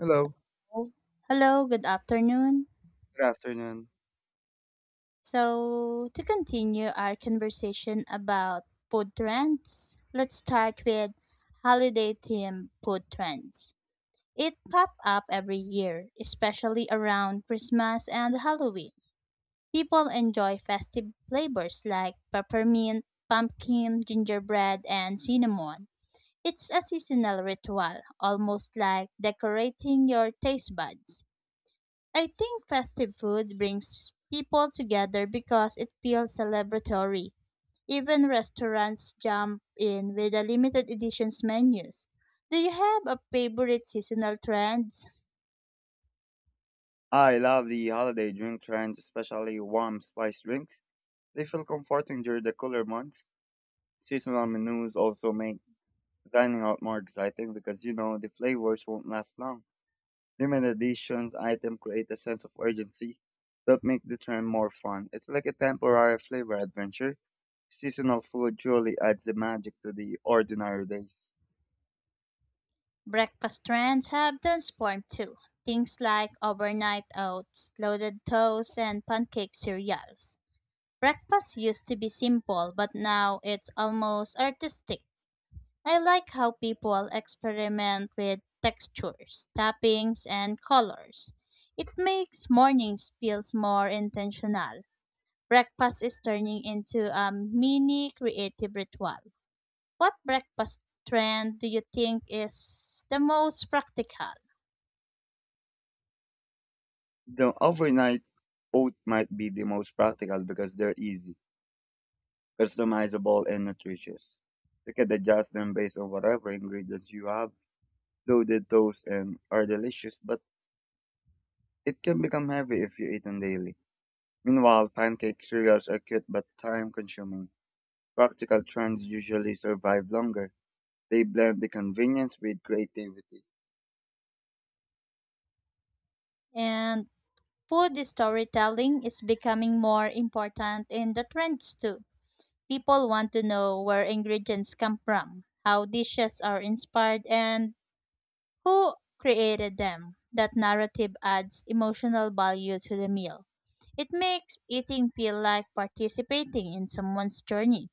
Hello. Oh, hello, good afternoon. Good afternoon. So, to continue our conversation about food trends, let's start with holiday themed food trends. It pop up every year, especially around Christmas and Halloween. People enjoy festive flavors like peppermint, pumpkin, gingerbread, and cinnamon. It's a seasonal ritual, almost like decorating your taste buds. I think festive food brings people together because it feels celebratory. Even restaurants jump in with the limited editions menus. Do you have a favorite seasonal trends? I love the holiday drink trend, especially warm spiced drinks. They feel comforting during the cooler months. Seasonal menus also make dining out more exciting because you know the flavors won't last long. Limited editions items create a sense of urgency that make the trend more fun. It's like a temporary flavor adventure. Seasonal food truly adds the magic to the ordinary days. Breakfast trends have transformed too. Things like overnight oats, loaded toast, and pancake cereals. Breakfast used to be simple, but now it's almost artistic. I like how people experiment with textures, tappings, and colors. It makes mornings feels more intentional. Breakfast is turning into a mini creative ritual. What breakfast trend do you think is the most practical? The overnight oat might be the most practical because they're easy, customizable and nutritious. You can adjust them based on whatever ingredients you have. Loaded toast and are delicious, but it can become heavy if you eat them daily. Meanwhile, pancake cereals are cute but time-consuming. Practical trends usually survive longer. They blend the convenience with creativity. And food storytelling is becoming more important in the trends too. People want to know where ingredients come from, how dishes are inspired, and who created them? That narrative adds emotional value to the meal. It makes eating feel like participating in someone's journey.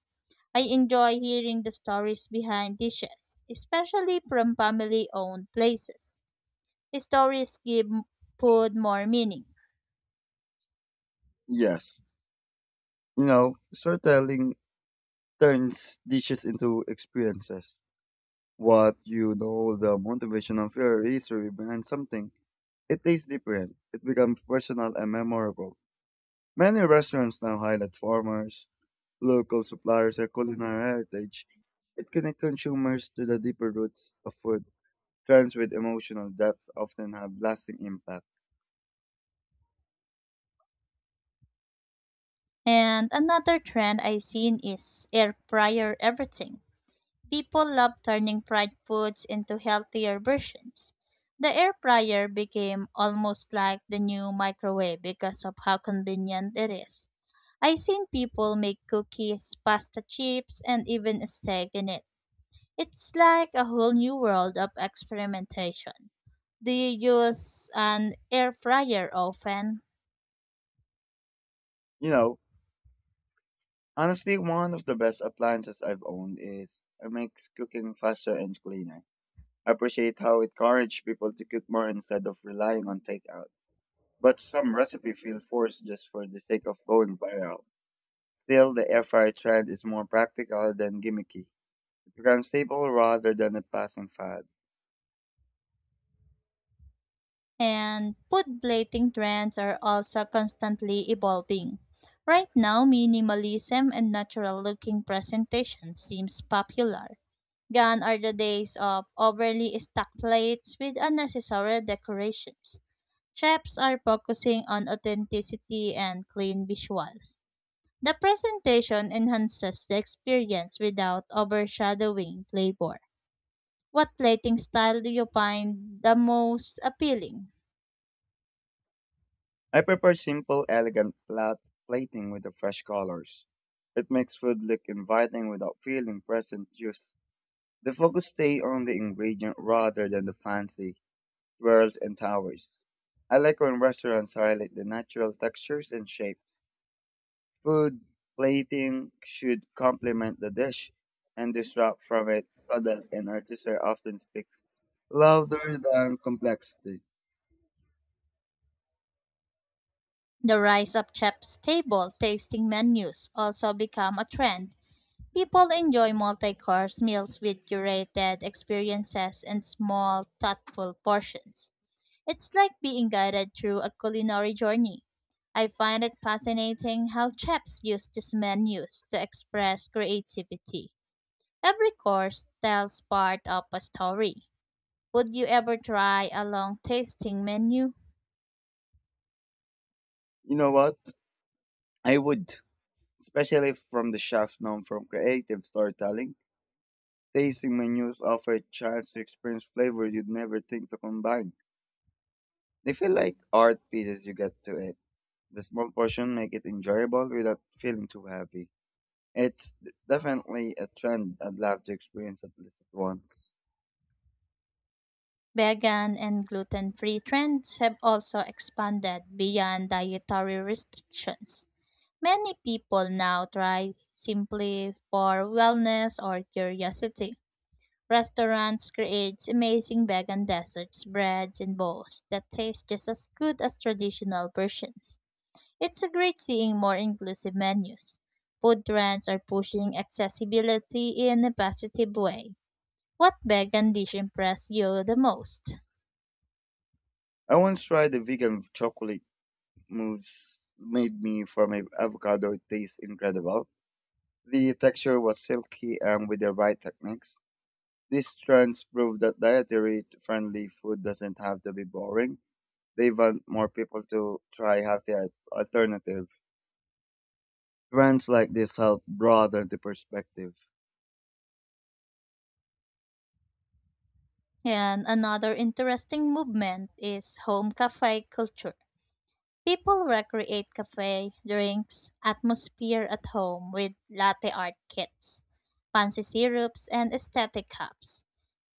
I enjoy hearing the stories behind dishes, especially from family owned places. Stories give food more meaning. Yes, storytelling turns dishes into experiences. What the motivation of your history behind something. It tastes different. It becomes personal and memorable. Many restaurants now highlight farmers, local suppliers, and culinary heritage. It connects consumers to the deeper roots of food. Trends with emotional depth often have lasting impact. And another trend I've seen is air fryer everything. People love turning fried foods into healthier versions. The air fryer became almost like the new microwave because of how convenient it is. I've seen people make cookies, pasta chips, and even a steak in it. It's like a whole new world of experimentation. Do you use an air fryer often? You know, Honestly, one of the best appliances I've owned is it makes cooking faster and cleaner. I appreciate how it encourages people to cook more instead of relying on takeout. But some recipes feel forced just for the sake of going viral. Still, the air fryer trend is more practical than gimmicky. It becomes stable rather than a passing fad. And food plating trends are also constantly evolving. Right now, minimalism and natural looking presentation seems popular. Gone are the days of overly stacked plates with unnecessary decorations. Chefs are focusing on authenticity and clean visuals. The presentation enhances the experience without overshadowing flavor. What plating style do you find the most appealing? I prefer simple, elegant flat plating with the fresh colors. It makes food look inviting without feeling present youth. The focus stay on the ingredient rather than the fancy swirls and towers. I like when restaurants highlight the natural textures and shapes. Food plating should complement the dish and disrupt from it so that an artist often speaks louder than complexity. The rise of chef's table tasting menus also become a trend. People enjoy multi-course meals with curated experiences and small, thoughtful portions. It's like being guided through a culinary journey. I find it fascinating how chefs use these menus to express creativity. Every course tells part of a story. Would you ever try a long tasting menu? You know what? I would, especially from the chefs known from creative storytelling. Tasting menus offer a chance to experience flavor you'd never think to combine. They feel like art pieces you get to eat. The small portion make it enjoyable without feeling too heavy. It's definitely a trend I'd love to experience at least once. Vegan and gluten free trends have also expanded beyond dietary restrictions. Many people now try simply for wellness or curiosity. Restaurants create amazing vegan desserts, breads, and bowls that taste just as good as traditional versions. It's a great seeing more inclusive menus. Food trends are pushing accessibility in a positive way. What vegan dish impressed you the most? I once tried a vegan chocolate mousse made me from a avocado. It tastes incredible. The texture was silky and with the right techniques. These trends prove that dietary friendly food doesn't have to be boring. They want more people to try healthy alternative. Trends like this help broaden the perspective. And another interesting movement is home cafe culture. People recreate cafe drinks atmosphere at home with latte art kits, fancy syrups, and aesthetic cups.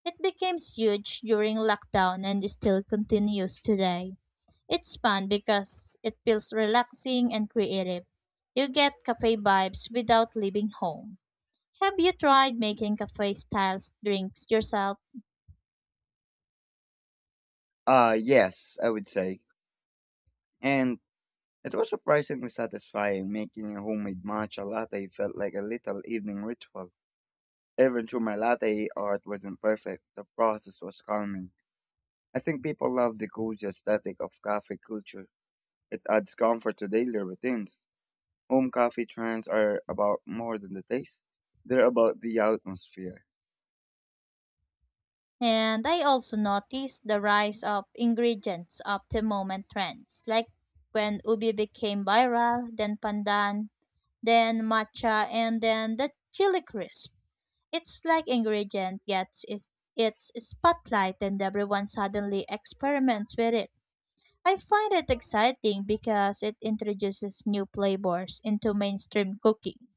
It became huge during lockdown and still continues today. It's fun because it feels relaxing and creative. You get cafe vibes without leaving home. Have you tried making cafe style drinks yourself? Yes, I would say. And it was surprisingly satisfying making a homemade matcha latte felt like a little evening ritual. Even though my latte art wasn't perfect, the process was calming. I think people love the cozy aesthetic of cafe culture. It adds comfort to daily routines. Home coffee trends are about more than the taste. They're about the atmosphere. And I also noticed the rise of ingredients of the moment trends, like when ubi became viral, then pandan, then matcha, and then the chili crisp. It's like ingredient gets its spotlight and everyone suddenly experiments with it. I find it exciting because it introduces new flavors into mainstream cooking.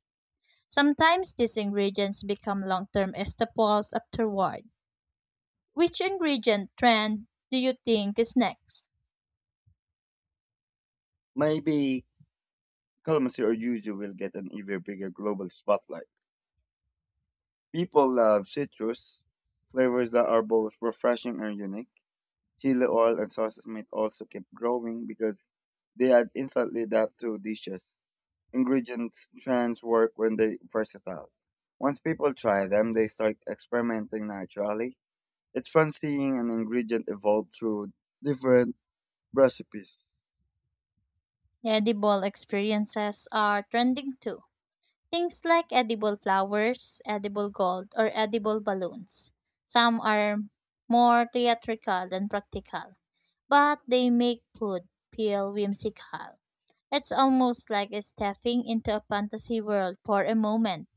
Sometimes these ingredients become long-term staples afterward. Which ingredient trend do you think is next? Maybe Kalamazoo or Yuzu will get an even bigger global spotlight. People love citrus flavors that are both refreshing and unique. Chili oil and sauces might also keep growing because they add instantly depth to dishes. Ingredients trends work when they're versatile. Once people try them, they start experimenting naturally. It's fun seeing an ingredient evolve through different recipes. Edible experiences are trending too. Things like edible flowers, edible gold, or edible balloons. Some are more theatrical than practical, but they make food feel whimsical. It's almost like stepping into a fantasy world for a moment.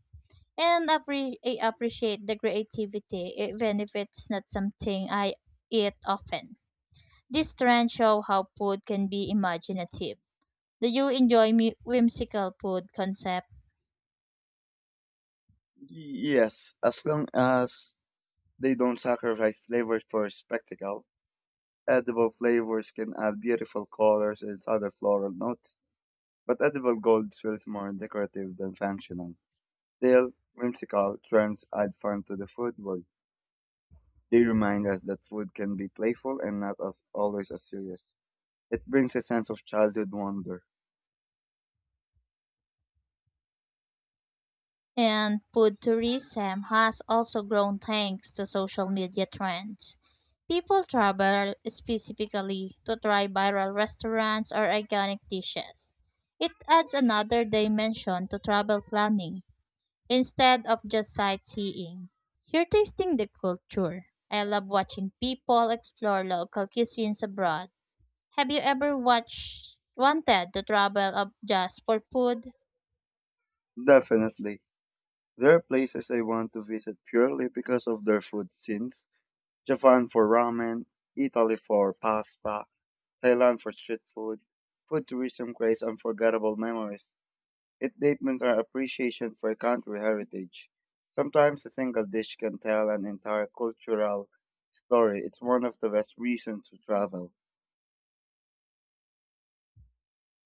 And I appreciate the creativity, even if it's not something I eat often. This trend show how food can be imaginative. Do you enjoy whimsical food concept? Yes, as long as they don't sacrifice flavors for spectacle, edible flavors can add beautiful colors and other floral notes, but edible gold feels more decorative than functional. Still, whimsical trends add fun to the food world. They remind us that food can be playful and not as always as serious. It brings a sense of childhood wonder. And food tourism has also grown thanks to social media trends. People travel specifically to try viral restaurants or iconic dishes. It adds another dimension to travel planning instead of just sightseeing. You're tasting the culture. I love watching people explore local cuisines abroad. Have you ever watched wanted to travel up just for food? Definitely. There are places I want to visit purely because of their food scenes. Japan for ramen, Italy for pasta, Thailand for street food. Food tourism creates unforgettable memories. It deepens our appreciation for country heritage. Sometimes a single dish can tell an entire cultural story. It's one of the best reasons to travel.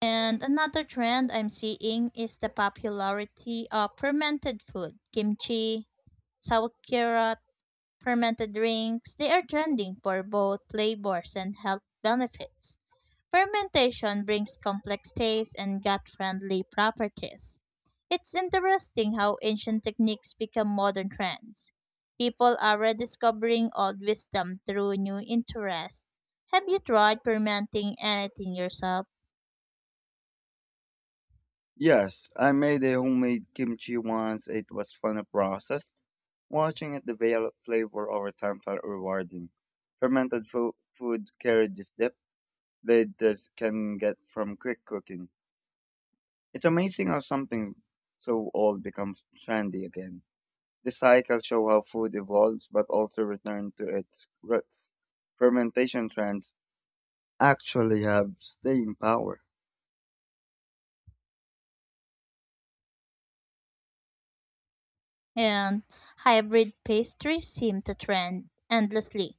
And another trend I'm seeing is the popularity of fermented food, kimchi, sauerkraut, fermented drinks, they are trending for both flavors and health benefits. Fermentation brings complex tastes and gut friendly properties. It's interesting how ancient techniques become modern trends. People are rediscovering old wisdom through new interests. Have you tried fermenting anything yourself? Yes, I made a homemade kimchi once. It was fun a process. Watching it develop flavor over time felt rewarding. Fermented food carried this depth that can get from quick cooking. It's amazing how something so old becomes trendy again. This cycle show how food evolves but also return to its roots. Fermentation trends actually have staying power. And hybrid pastries seem to trend endlessly.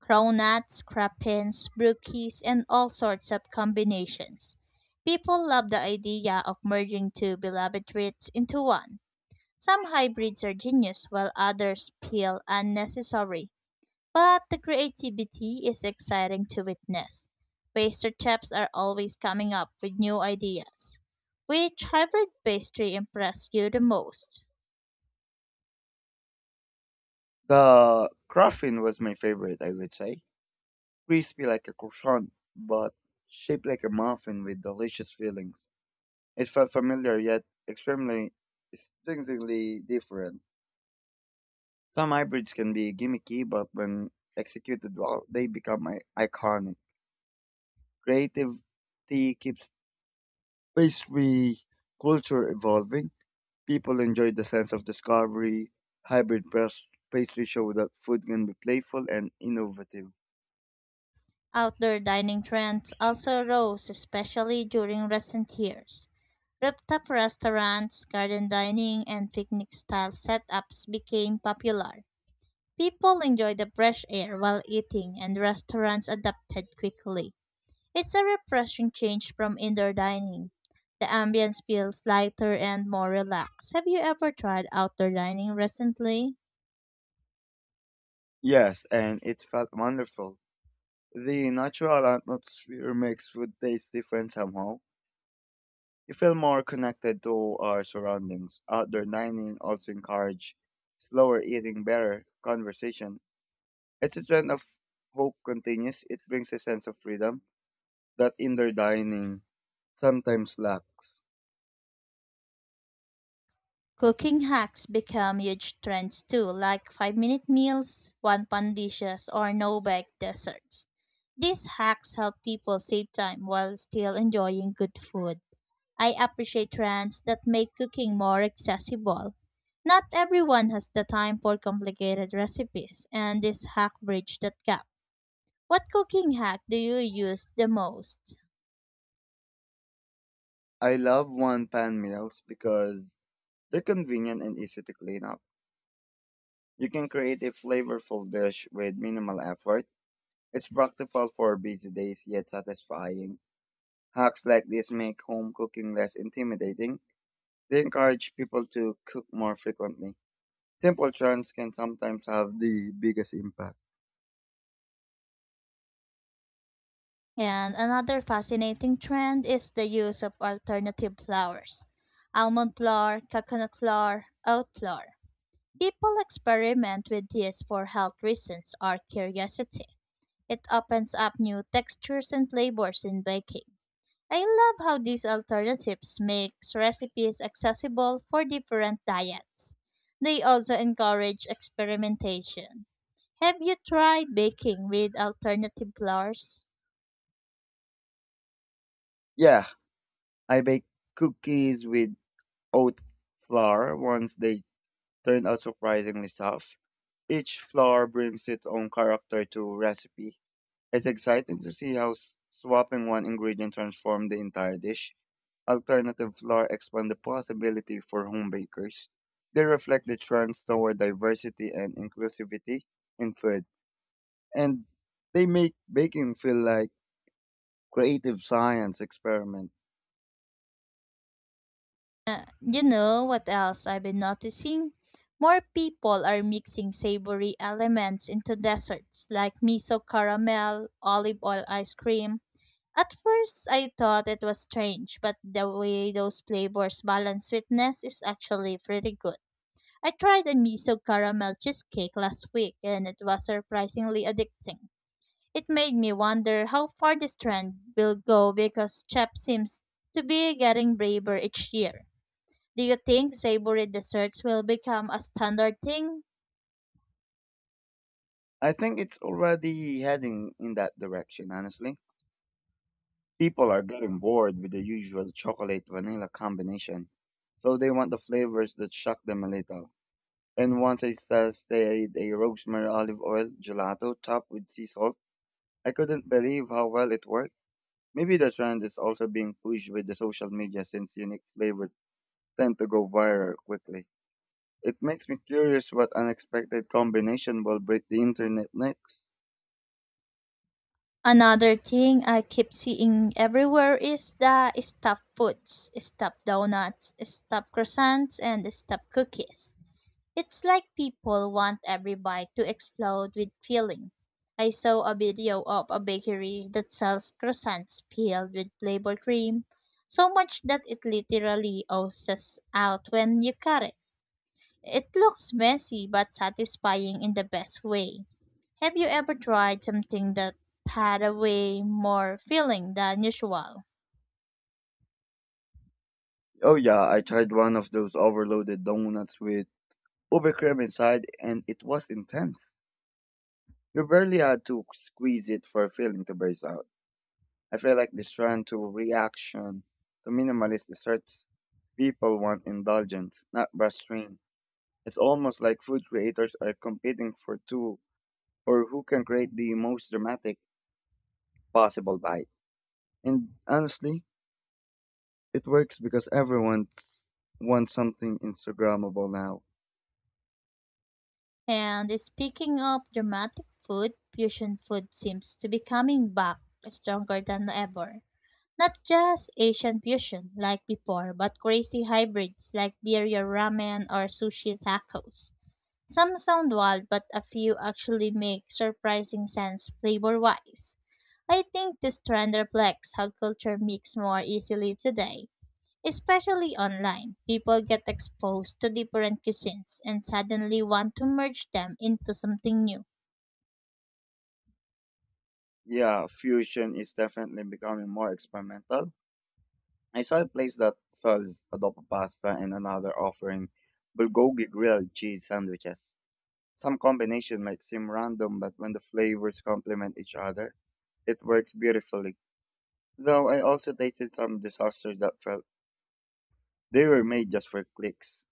Cronuts, crapins, brookies, and all sorts of combinations. People love the idea of merging two beloved traits into one. Some hybrids are genius while others feel unnecessary, but the creativity is exciting to witness. Pastry chefs are always coming up with new ideas. Which hybrid pastry impressed you the most? The crafting was my favorite, I would say. Crispy like a croissant, but shaped like a muffin with delicious fillings. It felt familiar yet extremely instinctively different. Some hybrids can be gimmicky, but when executed well, they become iconic. Creativity keeps pastry culture evolving. People enjoy the sense of discovery. Hybrid pastry show that food can be playful and innovative. Outdoor dining trends also rose, especially during recent years. Rooftop restaurants, garden dining, and picnic style setups became popular. People enjoyed the fresh air while eating, and restaurants adapted quickly. It's a refreshing change from indoor dining. The ambience feels lighter and more relaxed. Have you ever tried outdoor dining recently? Yes, and it felt wonderful. The natural atmosphere mixed with tastes different somehow. You feel more connected to our surroundings. Outdoor dining also encourage slower eating, better conversation. It's a trend of hope continues. It brings a sense of freedom that indoor dining sometimes lacks. Cooking hacks become huge trends too, like 5-minute meals, 1 pan dishes, or no bake desserts. These hacks help people save time while still enjoying good food. I appreciate trends that make cooking more accessible. Not everyone has the time for complicated recipes, and this hack bridge that gap. What cooking hack do you use the most? I love one pan meals because they're convenient and easy to clean up. You can create a flavorful dish with minimal effort. It's practical for busy days yet satisfying. Hacks like this make home cooking less intimidating. They encourage people to cook more frequently. Simple trends can sometimes have the biggest impact. And another fascinating trend is the use of alternative flours: almond flour, coconut flour, oat flour. People experiment with these for health reasons or curiosity. It opens up new textures and flavors in baking. I love how these alternatives makes recipes accessible for different diets. They also encourage experimentation. Have you tried baking with alternative flours? Yeah, I baked cookies with oat flour once they turned out surprisingly soft. Each flour brings its own character to recipe. It's exciting to see how swapping one ingredient transforms the entire dish. Alternative flour expand the possibility for home bakers. They reflect the trends toward diversity and inclusivity in food, and they make baking feel like creative science experiment. You know what else I've been noticing? More people are mixing savory elements into desserts like miso caramel, olive oil ice cream. At first, I thought it was strange, but the way those flavors balance sweetness is actually pretty good. I tried a miso caramel cheesecake last week and it was surprisingly addicting. It made me wonder how far this trend will go because Chef seems to be getting braver each year. Do you think savory desserts will become a standard thing? I think it's already heading in that direction, honestly. People are getting bored with the usual chocolate vanilla combination, so they want the flavors that shock them a little. And once I tasted a rosemary olive oil gelato topped with sea salt, I couldn't believe how well it worked. Maybe the trend is also being pushed with the social media since unique flavors tend to go viral quickly. It makes me curious what unexpected combination will break the internet next. Another thing I keep seeing everywhere is the stuffed foods, stuffed donuts, stuffed croissants, and stuffed cookies. It's like people want every bite to explode with filling. I saw a video of a bakery that sells croissants filled with flavored cream, so much that it literally oozes out when you cut it. It looks messy but satisfying in the best way. Have you ever tried something that had a way more filling than usual? Oh yeah, I tried one of those overloaded donuts with uber cream inside and it was intense. You barely had to squeeze it for a feeling to burst out. I feel like this trend to reaction to minimalist desserts people want indulgence, not restraint. It's almost like food creators are competing for two or who can create the most dramatic possible bite. And honestly, it works because everyone wants something Instagrammable now. And speaking of dramatic food, fusion food seems to be coming back stronger than ever. Not just Asian fusion like before, but crazy hybrids like birria ramen or sushi tacos. Some sound wild, but a few actually make surprising sense flavor wise. I think this trend reflects how culture mixes more easily today, especially online. People get exposed to different cuisines and suddenly want to merge them into something new. Yeah, fusion is definitely becoming more experimental. I saw a place that sells adobo pasta and another offering bulgogi grilled cheese sandwiches. Some combination might seem random, but when the flavors complement each other, it works beautifully. Though I also tasted some disasters that felt they were made just for clicks.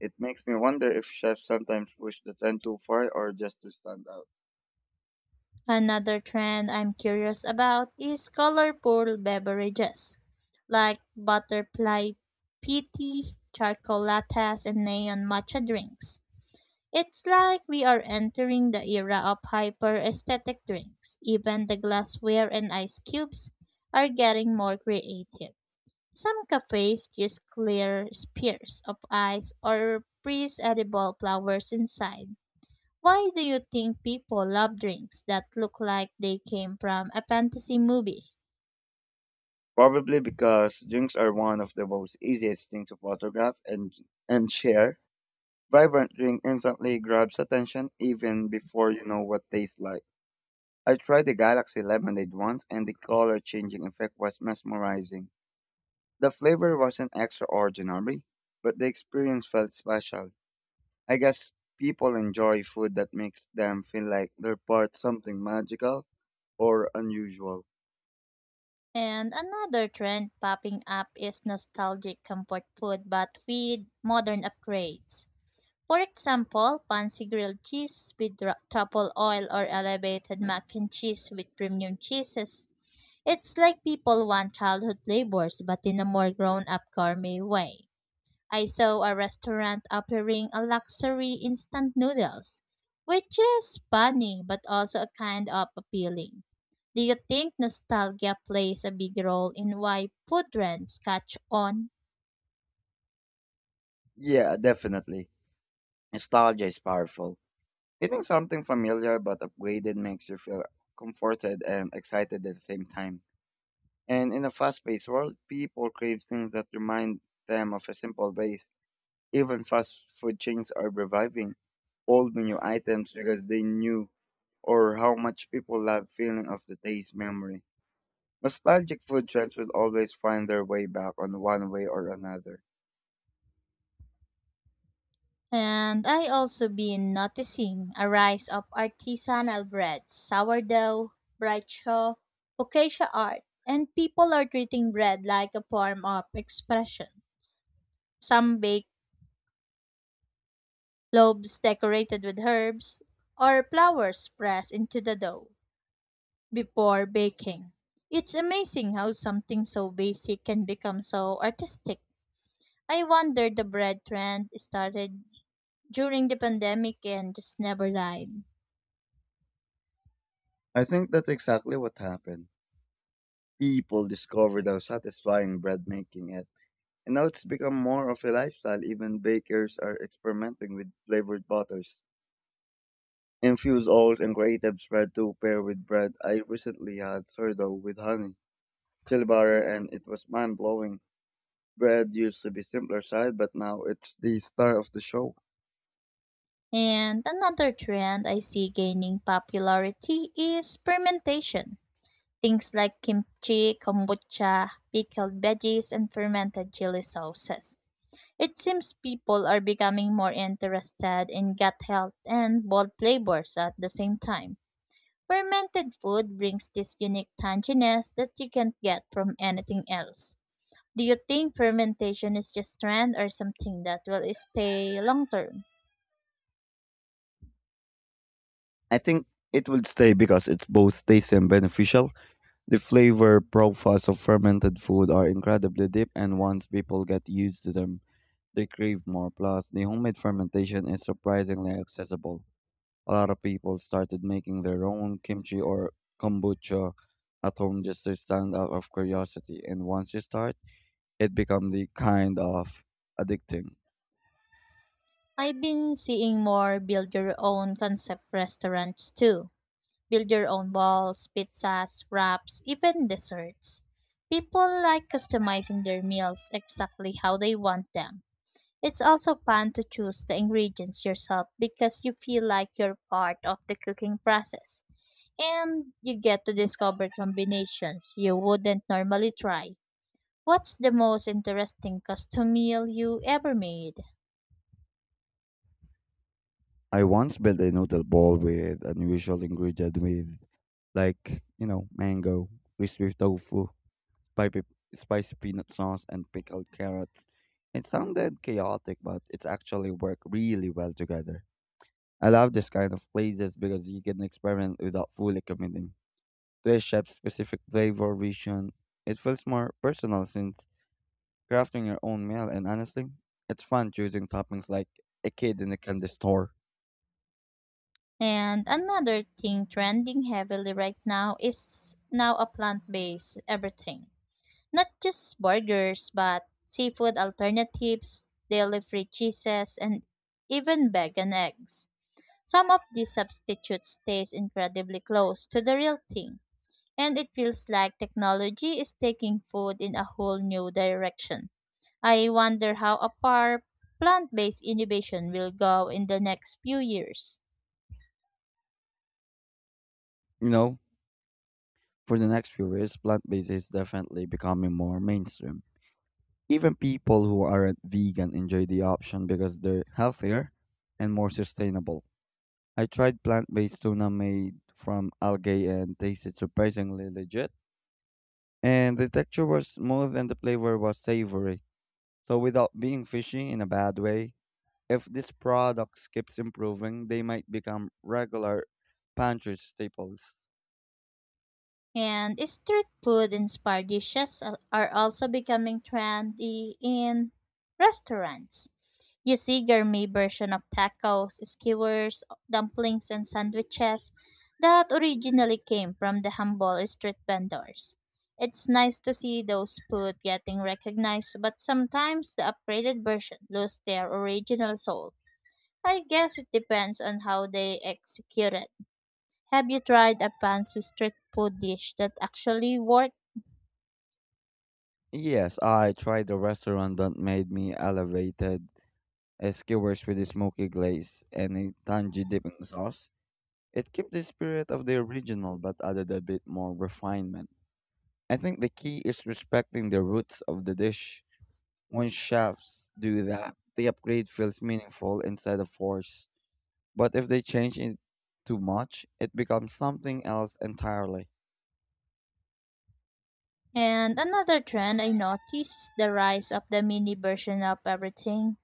It makes me wonder if chefs sometimes push the trend too far or just to stand out. Another trend I'm curious about is colorful beverages, like butterfly pitty, charcoal lattes, and neon matcha drinks. It's like we are entering the era of hyper aesthetic drinks. Even the glassware and ice cubes are getting more creative. Some cafes use clear spheres of ice or freeze edible flowers inside. Why do you think people love drinks that look like they came from a fantasy movie? Probably because drinks are one of the most easiest thing to photograph and share. Vibrant drink instantly grabs attention even before you know what tastes like. I tried the Galaxy Lemonade once and the color changing effect was mesmerizing. The flavor wasn't extraordinary, but the experience felt special. I guess people enjoy food that makes them feel like they're part something magical or unusual. And another trend popping up is nostalgic comfort food but with modern upgrades. For example, fancy grilled cheese with truffle oil or elevated mac and cheese with premium cheeses. It's like people want childhood flavors but in a more grown up gourmet way. I saw a restaurant offering a luxury instant noodles, which is funny but also a kind of appealing. Do you think nostalgia plays a big role in why food trends catch on? Yeah, definitely. Nostalgia is powerful. Eating something familiar but upgraded makes you feel comforted and excited at the same time. And in a fast-paced world, people crave things that remind them of a simple days. Even fast food chains are reviving old menu items because they knew or how much people love feeling of the taste memory. Nostalgic food trends will always find their way back on one way or another. And I also been noticing a rise of artisanal breads, sourdough, bright focaccia art, and people are treating bread like a form of expression. Some bake loaves decorated with herbs or flowers pressed into the dough before baking. It's amazing how something so basic can become so artistic. I wonder the bread trend started during the pandemic and just never died. I think that's exactly what happened. People discovered how satisfying bread making it, and now it's become more of a lifestyle. Even bakers are experimenting with flavored butters. Infused oats and creative spread to pair with bread. I recently had sourdough with honey, chili butter, and it was mind blowing. Bread used to be simpler side, but now it's the star of the show. And another trend I see gaining popularity is fermentation. Things like kimchi, kombucha, pickled veggies, and fermented chili sauces. It seems people are becoming more interested in gut health and bold flavors at the same time. Fermented food brings this unique tanginess that you can't get from anything else. Do you think fermentation is just trend or something that will stay long term? I think it will stay because it's both tasty and beneficial. The flavor profiles of fermented food are incredibly deep and once people get used to them, they crave more. Plus, the homemade fermentation is surprisingly accessible. A lot of people started making their own kimchi or kombucha at home just to stand out of curiosity, and once you start, it becomes the kind of addicting. I've been seeing more build your own concept restaurants too. Build your own balls, pizzas, wraps, even desserts. People like customizing their meals exactly how they want them. It's also fun to choose the ingredients yourself because you feel like you're part of the cooking process. And you get to discover combinations you wouldn't normally try. What's the most interesting custom meal you ever made? I once built a noodle ball with unusual ingredient with mango, crispy tofu, by spicy peanut sauce and pickled carrots. It sounded chaotic, but it actually worked really well together. I love this kind of places because you can experiment without fully committing to a chef's specific flavor vision. It feels more personal since crafting your own meal, and honestly, it's fun choosing toppings like a kid in a candy store. And another thing trending heavily right now is now a plant-based everything. Not just burgers, but seafood alternatives, dairy-free cheeses, and even vegan eggs. Some of these substitutes taste incredibly close to the real thing, and it feels like technology is taking food in a whole new direction. I wonder how far plant-based innovation will go in the next few years. You know, for the next few years, plant based is definitely becoming more mainstream. Even people who aren't vegan enjoy the option because they're healthier and more sustainable. I tried plant-based tuna made from algae and tasted surprisingly legit. And the texture was smooth and the flavor was savory. So without being fishy in a bad way, if this product keeps improving, they might become regular pantry staples. And street food inspired dishes are also becoming trendy in restaurants. You see gourmet version of tacos, skewers, dumplings, and sandwiches that originally came from the humble street vendors. It's nice to see those food getting recognized, but sometimes the upgraded version lose their original soul. I guess it depends on how they execute it. Have you tried a fancy street food dish that actually worked? Yes, I tried a restaurant that made me elevated skewers with a smoky glaze and a tangy dipping sauce. It kept the spirit of the original but added a bit more refinement. I think the key is respecting the roots of the dish. When chefs do that, the upgrade feels meaningful instead of forced. But if they change it too much, it becomes something else entirely. And another trend I noticed is the rise of the mini version of everything.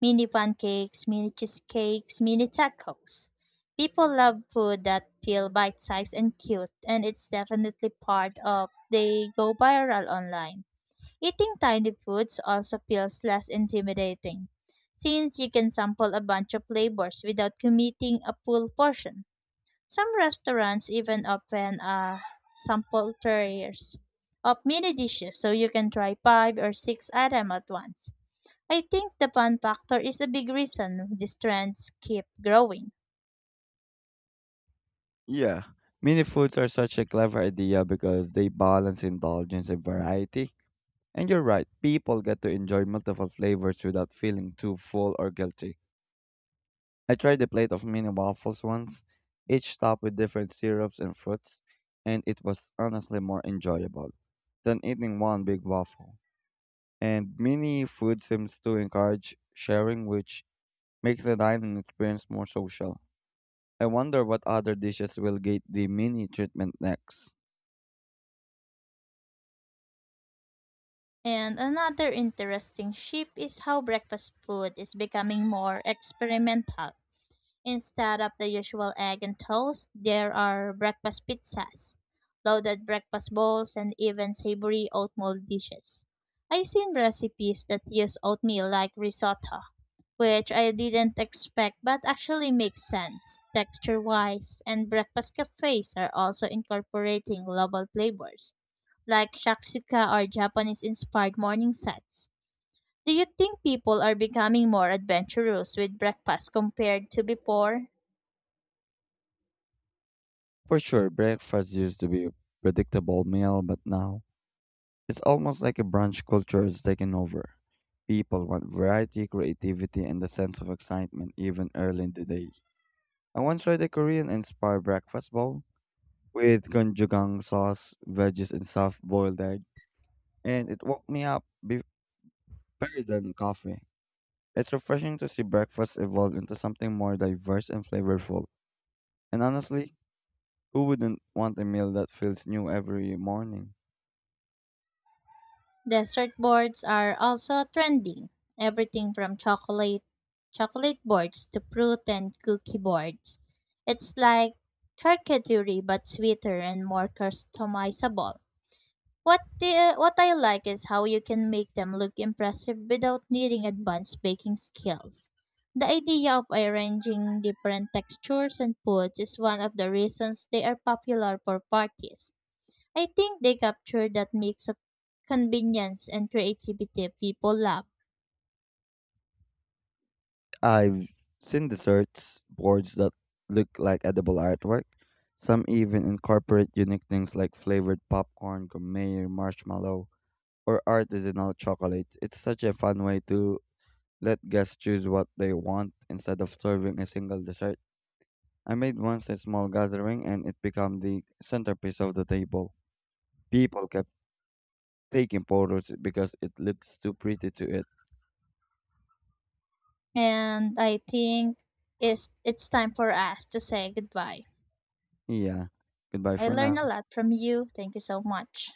Mini pancakes, mini cheesecakes, mini tacos. People love food that feel bite-sized and cute, and it's definitely part of they go viral online. Eating tiny foods also feels less intimidating, since you can sample a bunch of flavors without committing a full portion. Some restaurants even open a sample trays of mini dishes so you can try 5 or 6 items at once. I think the fun factor is a big reason these trends keep growing. Yeah. Mini foods are such a clever idea because they balance indulgence and variety. And you're right, people get to enjoy multiple flavors without feeling too full or guilty. I tried a plate of mini waffles once, each topped with different syrups and fruits, and it was honestly more enjoyable than eating one big waffle. And mini food seems to encourage sharing, which makes the dining experience more social. I wonder what other dishes will get the mini treatment next. And another interesting shift is how breakfast food is becoming more experimental. Instead of the usual egg and toast, there are breakfast pizzas, loaded breakfast bowls, and even savory oatmeal dishes. I've seen recipes that use oatmeal like risotto, which I didn't expect but actually makes sense texture wise, and breakfast cafes are also incorporating global flavors like shakshuka or Japanese inspired morning sets. Do you think people are becoming more adventurous with breakfast compared to before? For sure, breakfast used to be a predictable meal, but now it's almost like a brunch culture is taking over. People want variety, creativity, and a sense of excitement even early in the day. I once tried a Korean inspired breakfast bowl with gochujang sauce, veggies, and soft boiled egg, and it woke me up better than coffee. It's refreshing to see breakfast evolve into something more diverse and flavorful. And honestly, who wouldn't want a meal that feels new every morning? Dessert boards are also trending. Everything from chocolate boards to fruit and cookie boards. It's like charcuterie but sweeter and more customizable. What I like is how you can make them look impressive without needing advanced baking skills. The idea of arranging different textures and foods is one of the reasons they are popular for parties. I think they capture that mix of convenience and creativity people love. I've seen desserts boards that look like edible artwork. Some even incorporate unique things like flavored popcorn, gourmet marshmallow, or artisanal chocolate. It's such a fun way to let guests choose what they want instead of serving a single dessert. I made once a small gathering and it became the centerpiece of the table. People kept taking photos because it looks too pretty to it. And I think it's time for us to say goodbye. Yeah. Goodbye I for learned a now. lot from you. Thank you so much.